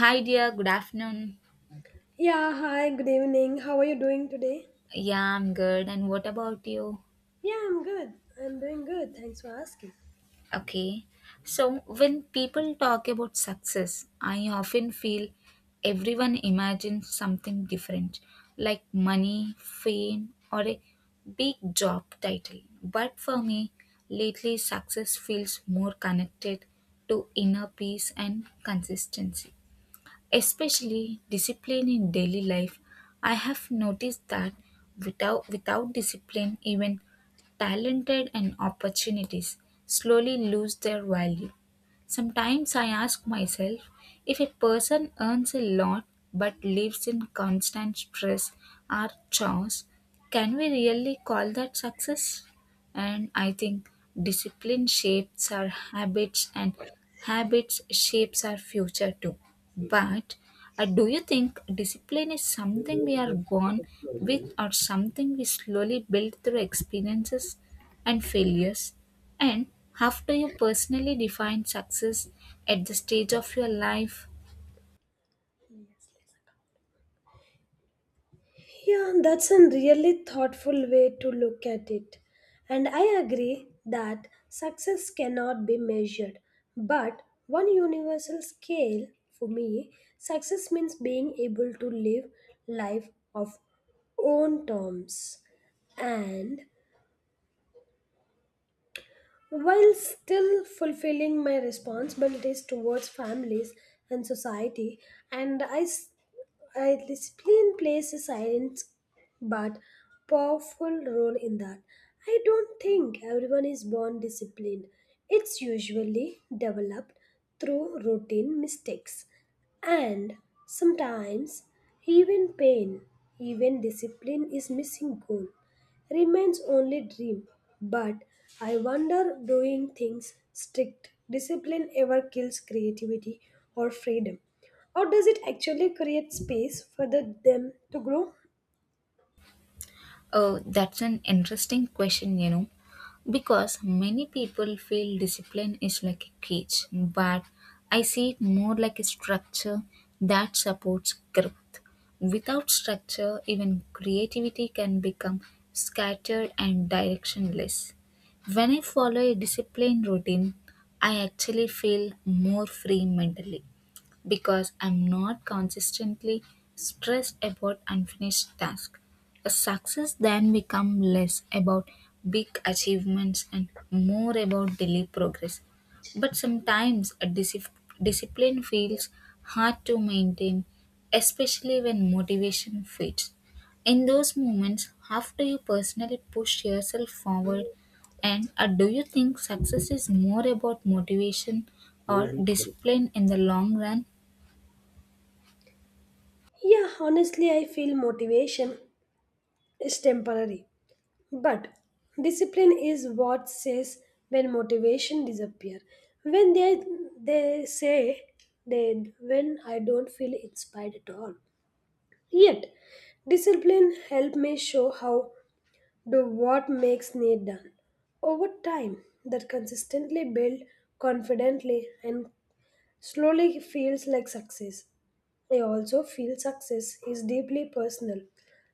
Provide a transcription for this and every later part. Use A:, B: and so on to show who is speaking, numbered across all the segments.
A: Hi dear, good afternoon.
B: Yeah, hi, good evening. How are you doing today?
A: Yeah, I'm good. And what about you?
B: Yeah, I'm good. I'm doing good. Thanks for asking.
A: Okay. So, when people talk about success, I often feel everyone imagines something different, like money, fame, or a big job title. But for me, lately success feels more connected to inner peace and consistency. Especially discipline in daily life, I have noticed that without discipline even talented and opportunities slowly lose their value. Sometimes I ask myself, if a person earns a lot but lives in constant stress or chores, can we really call that success? And I think discipline shapes our habits, and habits shapes our future too. But do you think discipline is something we are born with, or something we slowly build through experiences and failures? And how do you personally define success at the stage of your life?
B: Yeah, that's a really thoughtful way to look at it. And I agree that success cannot be measured. But one universal scale for me, success means being able to live life of own terms and while still fulfilling my responsibilities towards families and society, and I, s- I discipline plays a silent but powerful role in that. I don't think everyone is born disciplined. It's usually developed through routine mistakes. And sometimes even pain, even discipline is missing goal, remains only dream. But I wonder doing things strict, discipline ever kills creativity or freedom. Or does it actually create space for them to grow?
A: Oh, that's an interesting question, you know. Because many people feel discipline is like a cage, but I see it more like a structure that supports growth. Without structure, even creativity can become scattered and directionless. When I follow a disciplined routine, I actually feel more free mentally because I'm not consistently stressed about unfinished tasks. A success then becomes less about big achievements and more about daily progress. But sometimes a discipline feels hard to maintain, especially when motivation fades. In those moments, how do you personally push yourself forward? And do you think success is more about motivation or discipline in the long run?
B: Yeah, honestly, I feel motivation is temporary. But discipline is what says when motivation disappear. When they say then when I don't feel inspired at all. Yet discipline help me show how do what makes me done. Over time that consistently build confidently and slowly feels like success. I also feel success is deeply personal,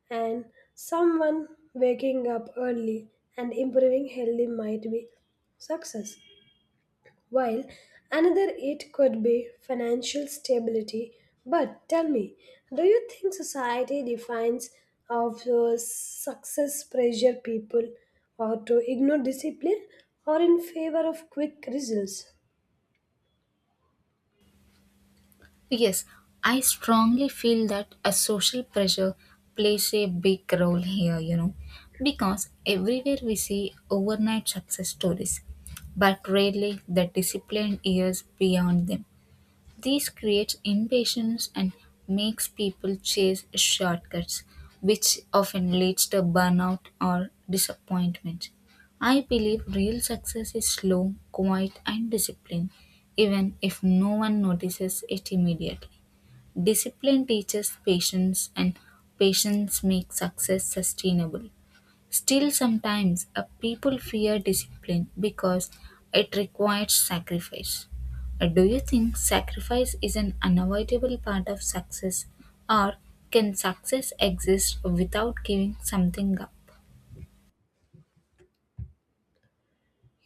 B: and someone waking up early and improving healthy might be success, while another it could be financial stability. But tell me, do you think society defines of success pressure people or to ignore discipline or in favor of quick results?
A: Yes, I strongly feel that a social pressure plays a big role here, you know, because everywhere we see overnight success stories, but rarely the disciplined years beyond them. This creates impatience and makes people chase shortcuts, which often leads to burnout or disappointment. I believe real success is slow, quiet, and disciplined, even if no one notices it immediately. Discipline teaches patience, and patience makes success sustainable. Still, sometimes people fear discipline because it requires sacrifice. Do you think sacrifice is an unavoidable part of success, or can success exist without giving something up?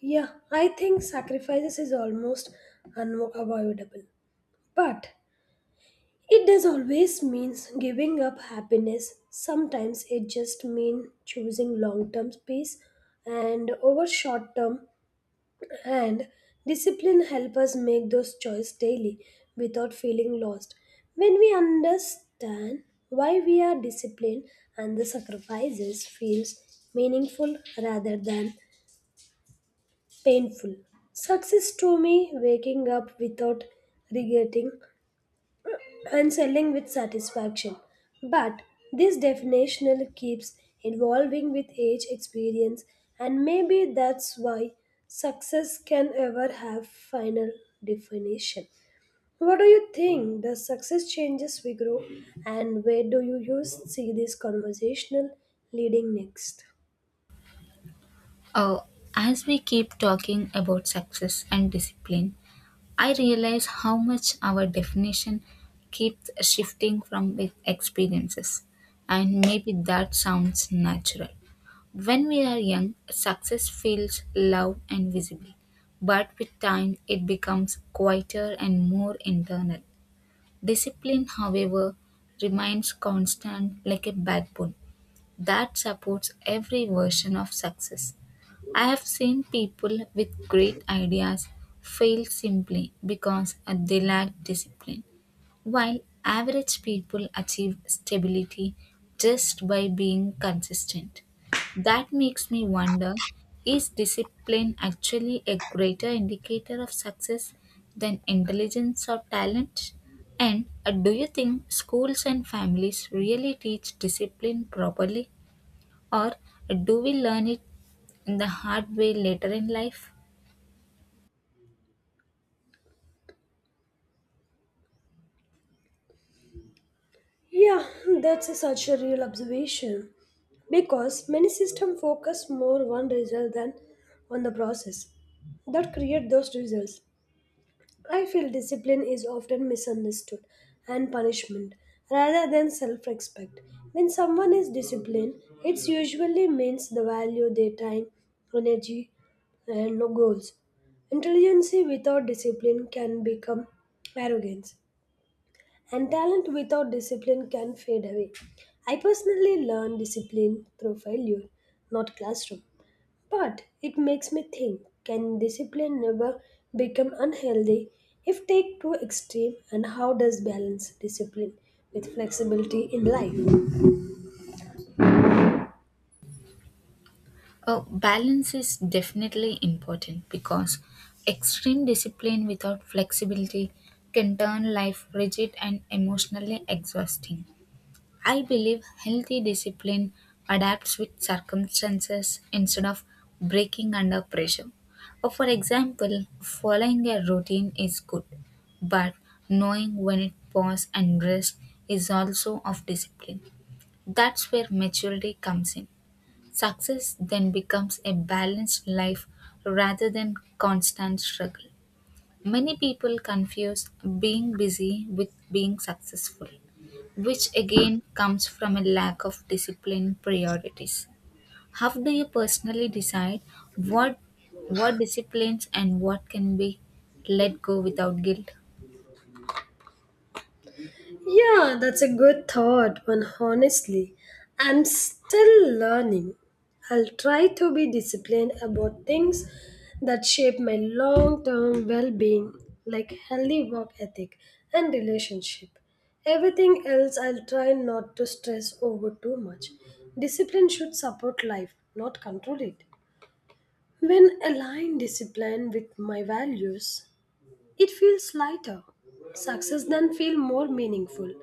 B: Yeah, I think sacrifices is almost unavoidable. But it does always means giving up happiness. Sometimes it just means choosing long-term peace and over short-term and discipline help us make those choices daily without feeling lost. When we understand why we are disciplined and the sacrifices feels meaningful rather than painful. Success to me waking up without regretting and selling with satisfaction. But this definitional keeps evolving with age experience and maybe that's why success can ever have final definition. What do you think? Does success changes we grow and where do you use see this conversational leading next?
A: Uh, as we keep talking about success and discipline, I realize how much our definition keeps shifting from with experiences, and maybe that sounds natural. When we are young, success feels loud and visible, but with time it becomes quieter and more internal. Discipline, however, remains constant, like a backbone that supports every version of success. I have seen people with great ideas fail simply because they lack discipline, while average people achieve stability just by being consistent. That makes me wonder, is discipline actually a greater indicator of success than intelligence or talent? And do you think schools and families really teach discipline properly? Or do we learn it in the hard way later in life?
B: Yeah, that's a such a real observation because many systems focus more on result than on the process that create those results. I feel discipline is often misunderstood and punishment rather than self-respect. When someone is disciplined, it usually means the value their time, energy, and no goals. Intelligence without discipline can become arrogance and talent without discipline can fade away. I personally learn discipline through failure, not classroom. But it makes me think can discipline never become unhealthy if take too extreme and how does balance discipline with flexibility in life?
A: Oh, balance is definitely important because extreme discipline without flexibility can turn life rigid and emotionally exhausting. I believe healthy discipline adapts with circumstances instead of breaking under pressure. Or for example, following a routine is good, but knowing when it pause and rest is also of discipline. That's where maturity comes in. Success then becomes a balanced life rather than constant struggle. Many people confuse being busy with being successful, which again comes from a lack of discipline priorities. How do you personally decide what what disciplines and what can be let go without guilt?
B: Yeah, that's a good thought, but honestly, I'm still learning. I'll try to be disciplined about things that shape my long term well being, like healthy work ethic and relationship. Everything else, I'll try not to stress over too much. Discipline should support life, not control it. When align discipline with my values, it feels lighter. Success then feel more meaningful.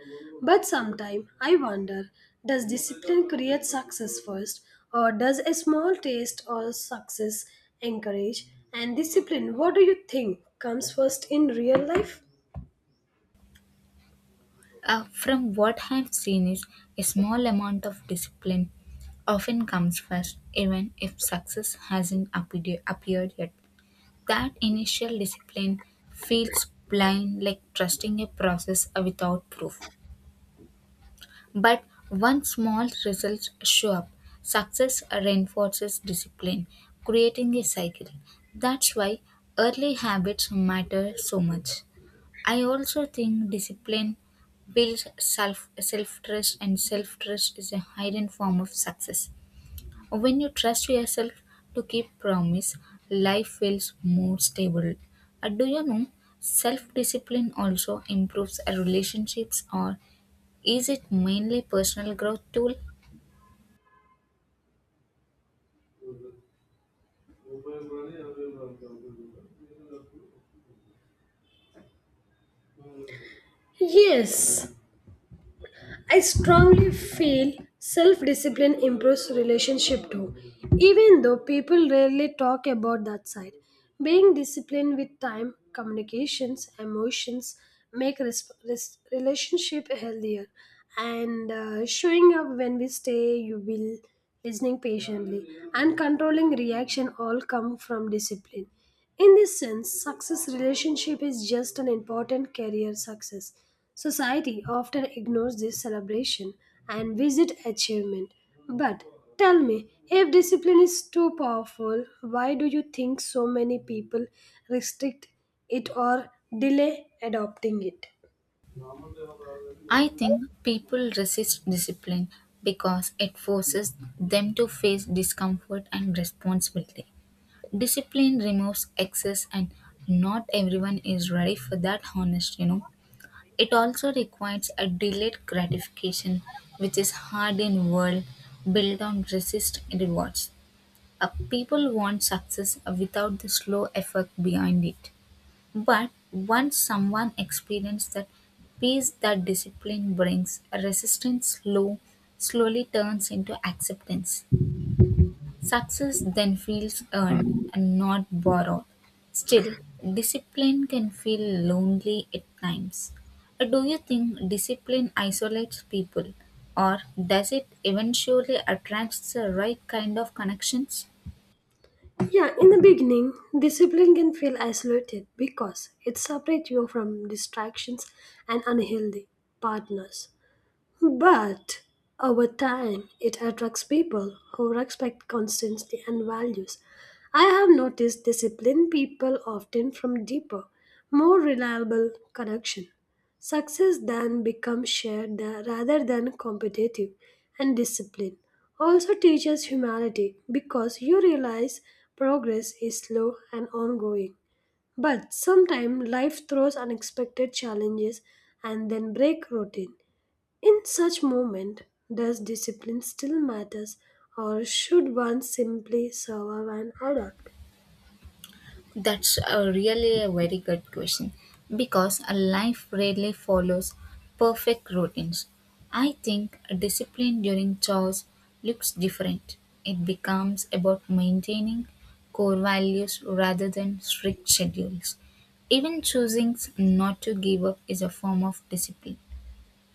B: But sometimes I wonder, does discipline create success first or does a small taste or success encourage and discipline? What do you think comes first in real life?
A: From what I've seen is a small amount of discipline often comes first, even if success hasn't appeared yet. That initial discipline feels blind, like trusting a process without proof. But once small results show up, success reinforces discipline, creating a cycle. That's why early habits matter so much. I also think discipline builds self trust, and self trust is a hidden form of success. When you trust yourself to keep promise, life feels more stable. Do you know self discipline also improves our relationships, or is it mainly personal growth tool?
B: Yes, I strongly feel self discipline improves relationship too, even though people rarely talk about that side. Being disciplined with time, communications, emotions make relationship healthier. And showing up when we stay, you will listening patiently and controlling reaction all come from discipline. In this sense, success relationship is just an important career success. Society often ignores this celebration and visit achievement. But tell me, if discipline is too powerful, why do you think so many people restrict it or delay adopting it?
A: I think people resist discipline because it forces them to face discomfort and responsibility. Discipline removes excess, and not everyone is ready for that honest, you know. It also requires a delayed gratification, which is hard in world built on resist rewards. People want success without the slow effort behind it. But once someone experiences that peace that discipline brings, resistance slowly turns into acceptance. Success then feels earned and not borrowed. Still, discipline can feel lonely at times. Do you think discipline isolates people, or does it eventually attract the right kind of connections?
B: Yeah, in the beginning, discipline can feel isolated because it separates you from distractions and unhealthy partners. But over time, it attracts people who respect consistency and values. I have noticed disciplined people often from deeper, more reliable connection. Success then becomes shared rather than competitive, and discipline also teaches humility because you realize progress is slow and ongoing. But sometimes life throws unexpected challenges and then break routine. In such moment, does discipline still matters or should one simply survive and adapt?
A: That's a really a very good question because a life rarely follows perfect routines. I think a discipline during chores looks different. It becomes about maintaining core values rather than strict schedules. Even choosing not to give up is a form of discipline.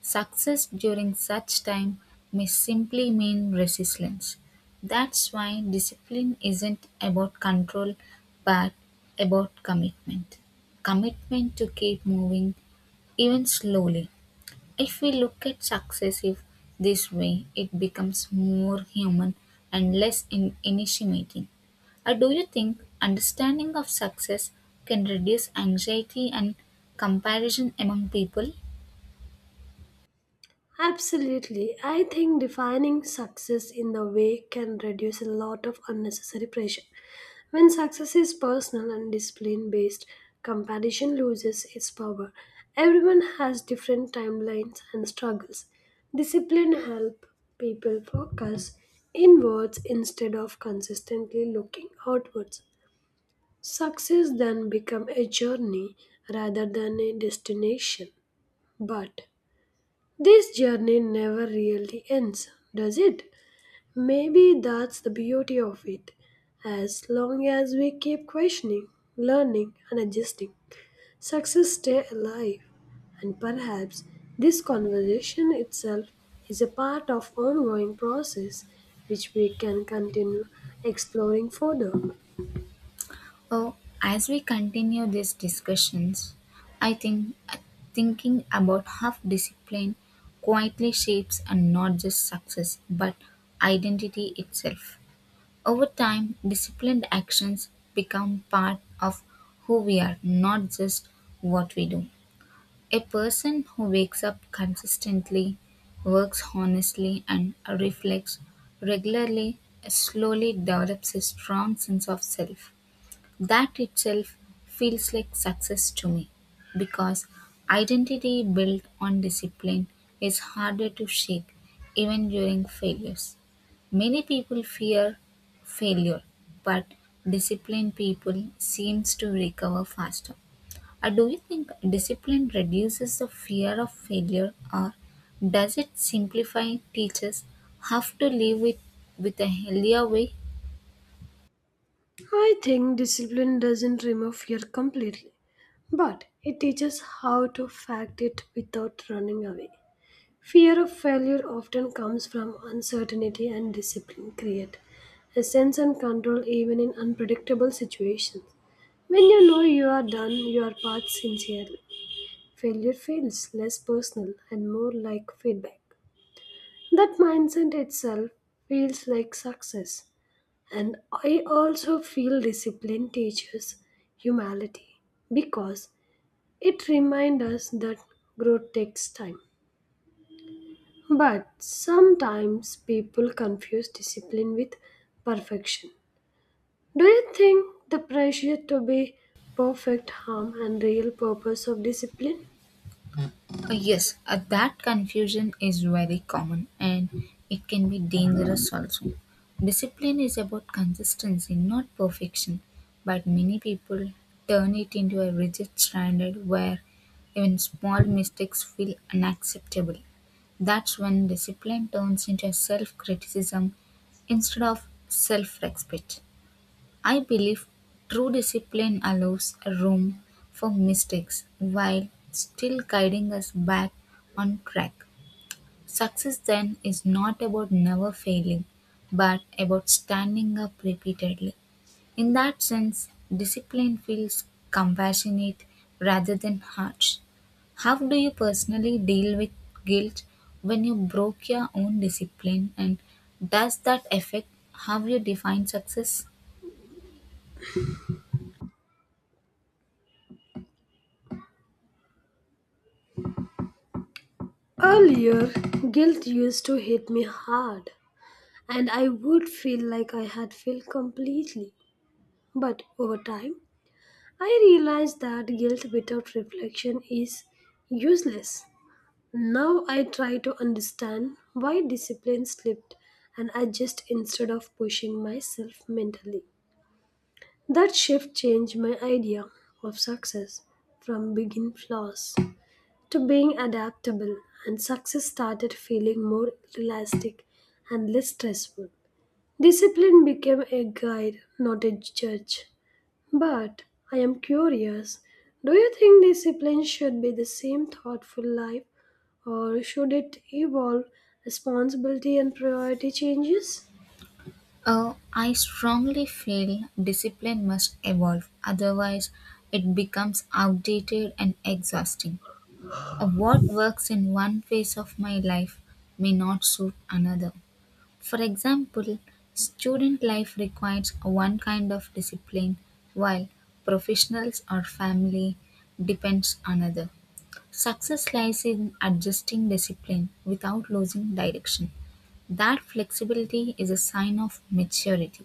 A: Success during such time may simply mean resilience. That's why discipline isn't about control but about commitment. Commitment to keep moving, even slowly. If we look at success if this way, it becomes more human and less initiating. Or do you think understanding of success can reduce anxiety and comparison among people?
B: Absolutely. I think defining success in the way can reduce a lot of unnecessary pressure. When success is personal and discipline based, comparison loses its power. Everyone has different timelines and struggles. Discipline help people focus inwards instead of consistently looking outwards. Success then become a journey rather than a destination. But this journey never really ends, does it? Maybe that's the beauty of it. As long as we keep questioning, learning and adjusting, success stay alive. And perhaps this conversation itself is a part of ongoing process which we can continue exploring further.
A: Oh, as we continue these discussions, I think thinking about how discipline quietly shapes and not just success but identity itself. Over time, disciplined actions become part of who we are, not just what we do. A person who wakes up consistently, works honestly, and reflects regularly slowly develops a strong sense of self that itself feels like success to me, because identity built on discipline is harder to shake even during failures. Many people fear failure, but disciplined people seems to recover faster. Do you think discipline reduces the fear of failure, or does it simplify teachers have to live with a healthier way?
B: I think discipline doesn't remove fear completely, but it teaches how to fact it without running away. Fear of failure often comes from uncertainty, and discipline create a sense and control even in unpredictable situations. When you know you are done your part sincerely, failure feels less personal and more like feedback. That mindset itself feels like success. And I also feel discipline teaches humility because it reminds us that growth takes time. But sometimes people confuse discipline with perfection. Do you think the pressure to be perfect harm and real purpose of discipline?
A: Yes, that confusion is very common, and it can be dangerous also. Discipline is about consistency, not perfection, but many people turn it into a rigid standard where even small mistakes feel unacceptable. That's when discipline turns into self criticism instead of self respect. I believe true discipline allows room for mistakes while still guiding us back on track. Success then is not about never failing, but about standing up repeatedly. In that sense, discipline feels compassionate rather than harsh. How do you personally deal with guilt when you broke your own discipline, and does that affect how you define success?
B: Earlier, guilt used to hit me hard, and I would feel like I had failed completely. But over time, I realized that guilt without reflection is useless. Now I try to understand why discipline slipped and adjust instead of pushing myself mentally. That shift changed my idea of success from being flaws to being adaptable, and success started feeling more realistic and less stressful. Discipline became a guide, not a judge. But I am curious, do you think discipline should be the same thoughtful life, or should it evolve responsibility and priority changes?
A: I strongly feel discipline must evolve, otherwise, it becomes outdated and exhausting. What works in one phase of my life may not suit another. For example, student life requires one kind of discipline, while professionals or family depends another. Success lies in adjusting discipline without losing direction. That flexibility is a sign of maturity.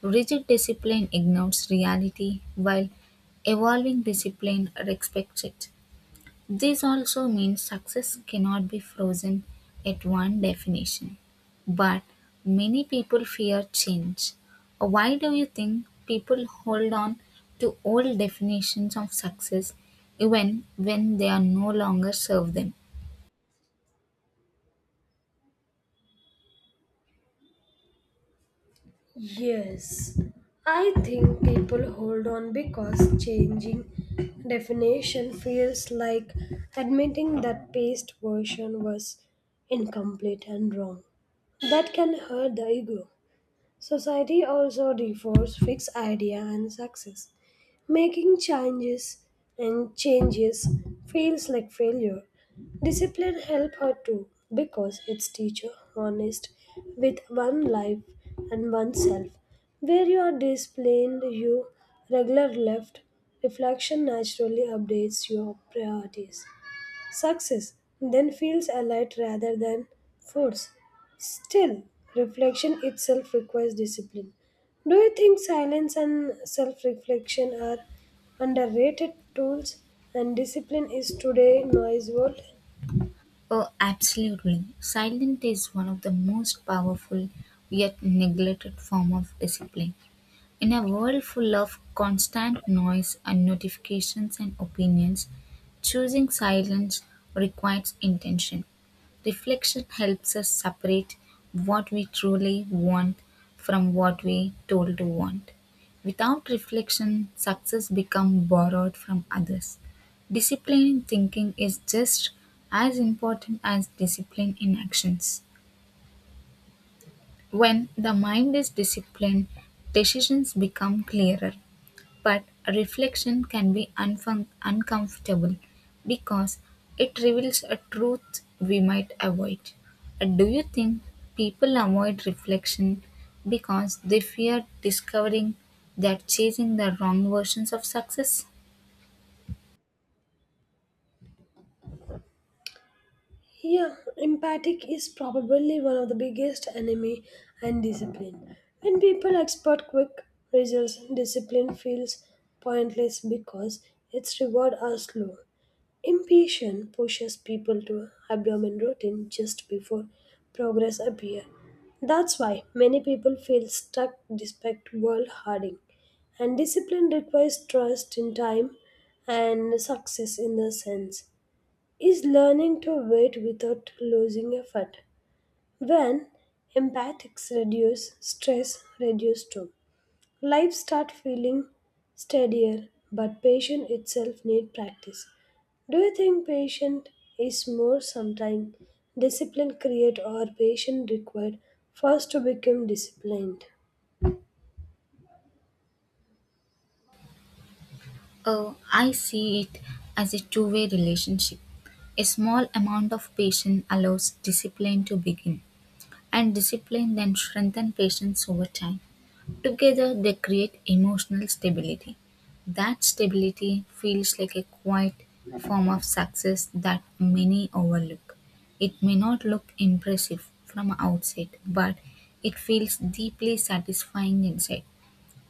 A: Rigid discipline ignores reality, while evolving discipline respects it. This also means success cannot be frozen at one definition. But many people fear change. Why do you think people hold on to old definitions of success even when they are no longer serve them?
B: Yes, I think people hold on because changing definition feels like admitting that past version was incomplete and wrong. That can hurt the ego. Society also defers fixed idea and success. Making changes and changes feels like failure. Discipline help her too because it's teacher honest with one life and oneself. Where you are disciplined, you regular left reflection naturally updates your priorities. Success then feels allied rather than force. Still, reflection itself requires discipline. Do you think silence and self reflection are underrated tools and discipline is today noise world?
A: Oh, absolutely. Silence is one of the most powerful yet neglected form of discipline. In a world full of constant noise and notifications and opinions, choosing silence requires intention. Reflection helps us separate what we truly want from what we told to want. Without reflection, success becomes borrowed from others. Discipline in thinking is just as important as discipline in actions. When the mind is disciplined, decisions become clearer, but reflection can be uncomfortable because it reveals a truth we might avoid. Do you think people avoid reflection because they fear discovering they're chasing the wrong versions of success?
B: Yeah, empathic is probably one of the biggest enemy and discipline. When people expect quick results, discipline feels pointless because its reward are slow. Impatience pushes people to abdomen routine just before progress appear. That's why many people feel stuck despite world hardening. And discipline requires trust in time and success in the sense is learning to wait without losing effort. When empathics reduce, stress reduce too. Life start feeling steadier, but patience itself need practice. Do you think patience is more sometime discipline create or patience required first to become disciplined?
A: Oh, I see it as a two-way relationship. A small amount of patience allows discipline to begin, and discipline then strengthens patience over time. Together, they create emotional stability. That stability feels like a quiet form of success that many overlook. It may not look impressive from outside, but it feels deeply satisfying inside.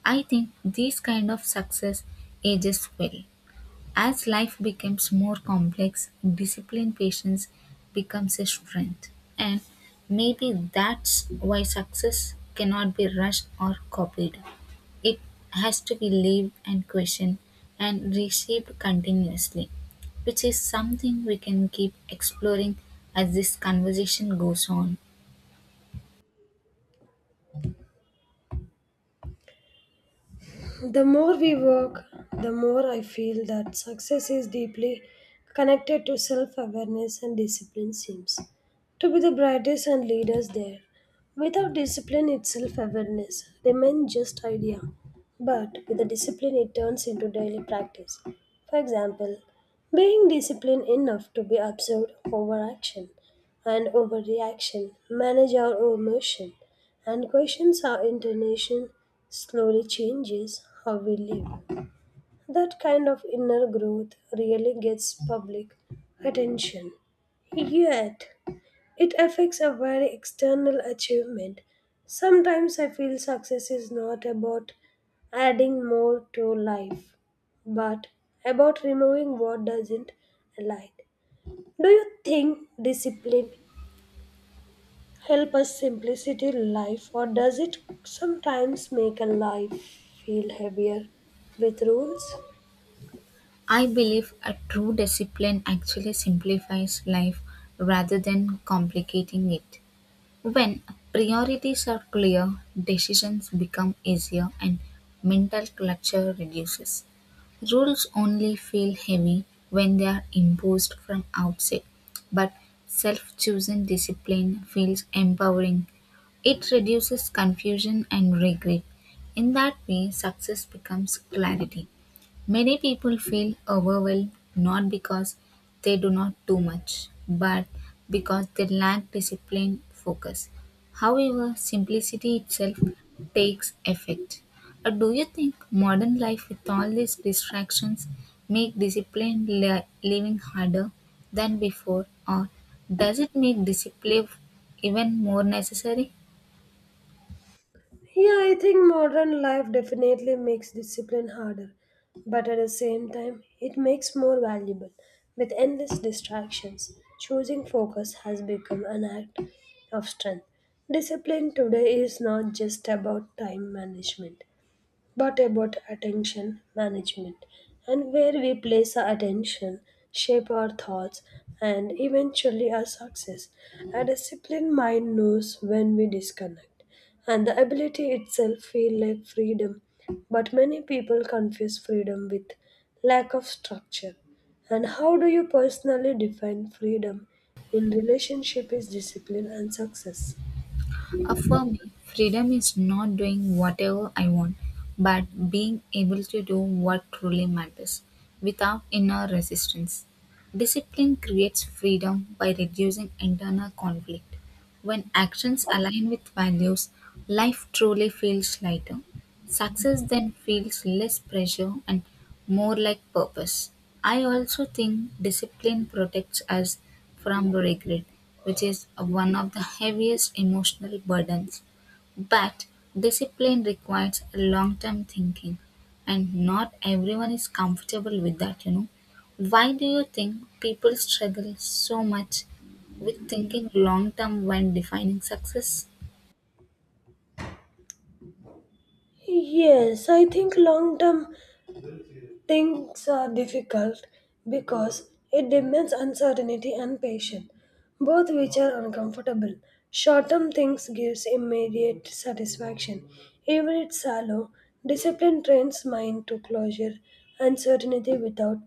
A: I think this kind of success ages well. As life becomes more complex, discipline patience becomes a strength. And maybe that's why success cannot be rushed or copied. It has to be lived and questioned and reshaped continuously, which is something we can keep exploring as this conversation goes on.
B: The more we work, the more I feel that success is deeply connected to self awareness and discipline, seems to be the brightest and leaders there. Without discipline, its self awareness remains just idea, but with the discipline, it turns into daily practice. For example, being disciplined enough to be absorbed over action and overreaction, manage our emotion, and questions how intonation slowly changes how we live. That kind of inner growth really gets public attention. Yet, it affects a very external achievement. Sometimes I feel success is not about adding more to life, but about removing what doesn't align. Do you think discipline help us simplicity life or does it sometimes make a life feel heavier with rules?
A: I believe a true discipline actually simplifies life rather than complicating it. When priorities are clear, decisions become easier and mental clutter reduces. Rules only feel heavy when they are imposed from outside, but self chosen discipline feels empowering. It reduces confusion and regret. In that way, success becomes clarity. Many people feel overwhelmed not because they do not do much, but because they lack discipline focus. However, simplicity itself takes effect. Do you think modern life with all these distractions make disciplined living harder than before, or does it make discipline even more necessary?
B: Yeah, I think modern life definitely makes discipline harder, but at the same time it makes more valuable. With endless distractions, choosing focus has become an act of strength. Discipline today is not just about time management, but about attention management, and where we place our attention shape our thoughts and eventually our success. A disciplined mind knows when we disconnect, and the ability itself feel like freedom. But many people confuse freedom with lack of structure. And how do you personally define freedom in relationship is discipline and success?
A: For me, freedom is not doing whatever I want, but being able to do what truly matters without inner resistance. Discipline creates freedom by reducing internal conflict. When actions align with values, life truly feels lighter. Success then feels less pressure and more like purpose. I also think discipline protects us from regret, which is one of the heaviest emotional burdens. But discipline requires long term thinking, and not everyone is comfortable with that, you know. Why do you think people struggle so much with thinking long term when defining success?
B: Yes, I think long term things are difficult because it demands uncertainty and patience, both which are uncomfortable. Short-term things gives immediate satisfaction, even if shallow. Discipline trains mind to closure and certainty without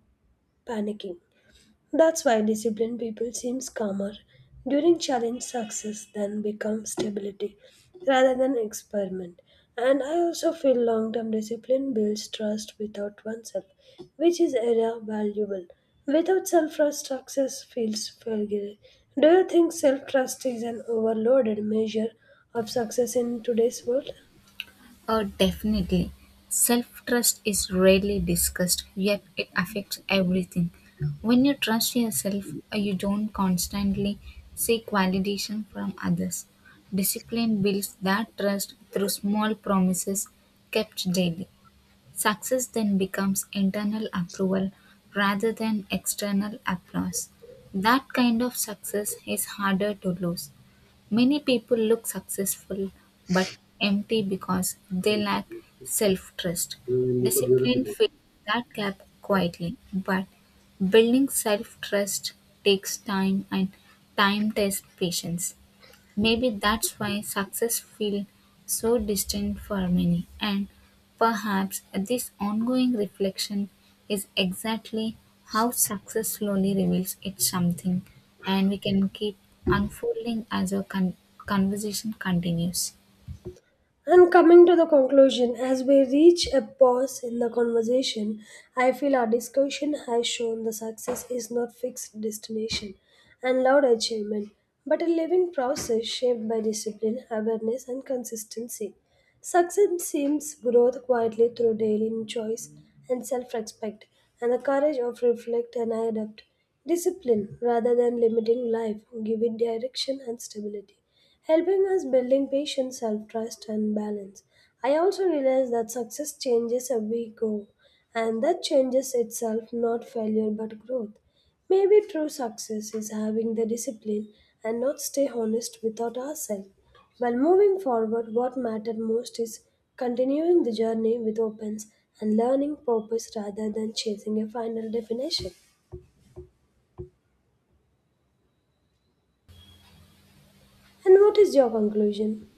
B: panicking. That's why disciplined people seems calmer during challenge success than become stability rather than experiment. And I also feel long-term discipline builds trust without oneself, which is era valuable. Without self-trust, success feels failure. Do you think self-trust is an overloaded measure of success in today's world?
A: Oh, definitely. Self trust is rarely discussed, yet it affects everything. When you trust yourself, you don't constantly seek validation from others. Discipline builds that trust through small promises kept daily. Success then becomes internal approval rather than external applause. That kind of success is harder to lose. Many people look successful but empty because they lack self trust. Discipline fills that gap quietly, but building self trust takes time, and time tests patience. Maybe that's why success feels so distant for many, and perhaps this ongoing reflection is exactly how success slowly reveals it's something, and we can keep unfolding as our conversation continues.
B: And coming to the conclusion, as we reach a pause in the conversation, I feel our discussion has shown the success is not fixed destination and loud achievement, but a living process shaped by discipline, awareness, and consistency. Success seems growth quietly through daily choice and self-respect, and the courage of reflect and adapt. Discipline rather than limiting life, give it direction and stability, helping us building patience, self-trust and balance. I also realize that success changes as we go and that changes itself not failure but growth. Maybe true success is having the discipline and not stay honest without ourselves. While moving forward, what mattered most is continuing the journey with opens and learning purpose rather than chasing a final definition. And what is your conclusion?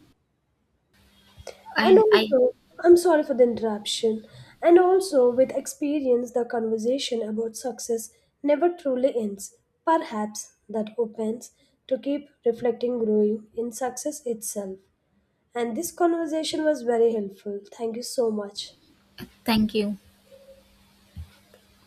B: And
A: And I
B: also, I'm sorry for the interruption. And also, with experience, the conversation about success never truly ends. Perhaps that opens to keep reflecting growing in success itself. And this conversation was very helpful. Thank you so much.
A: thank you.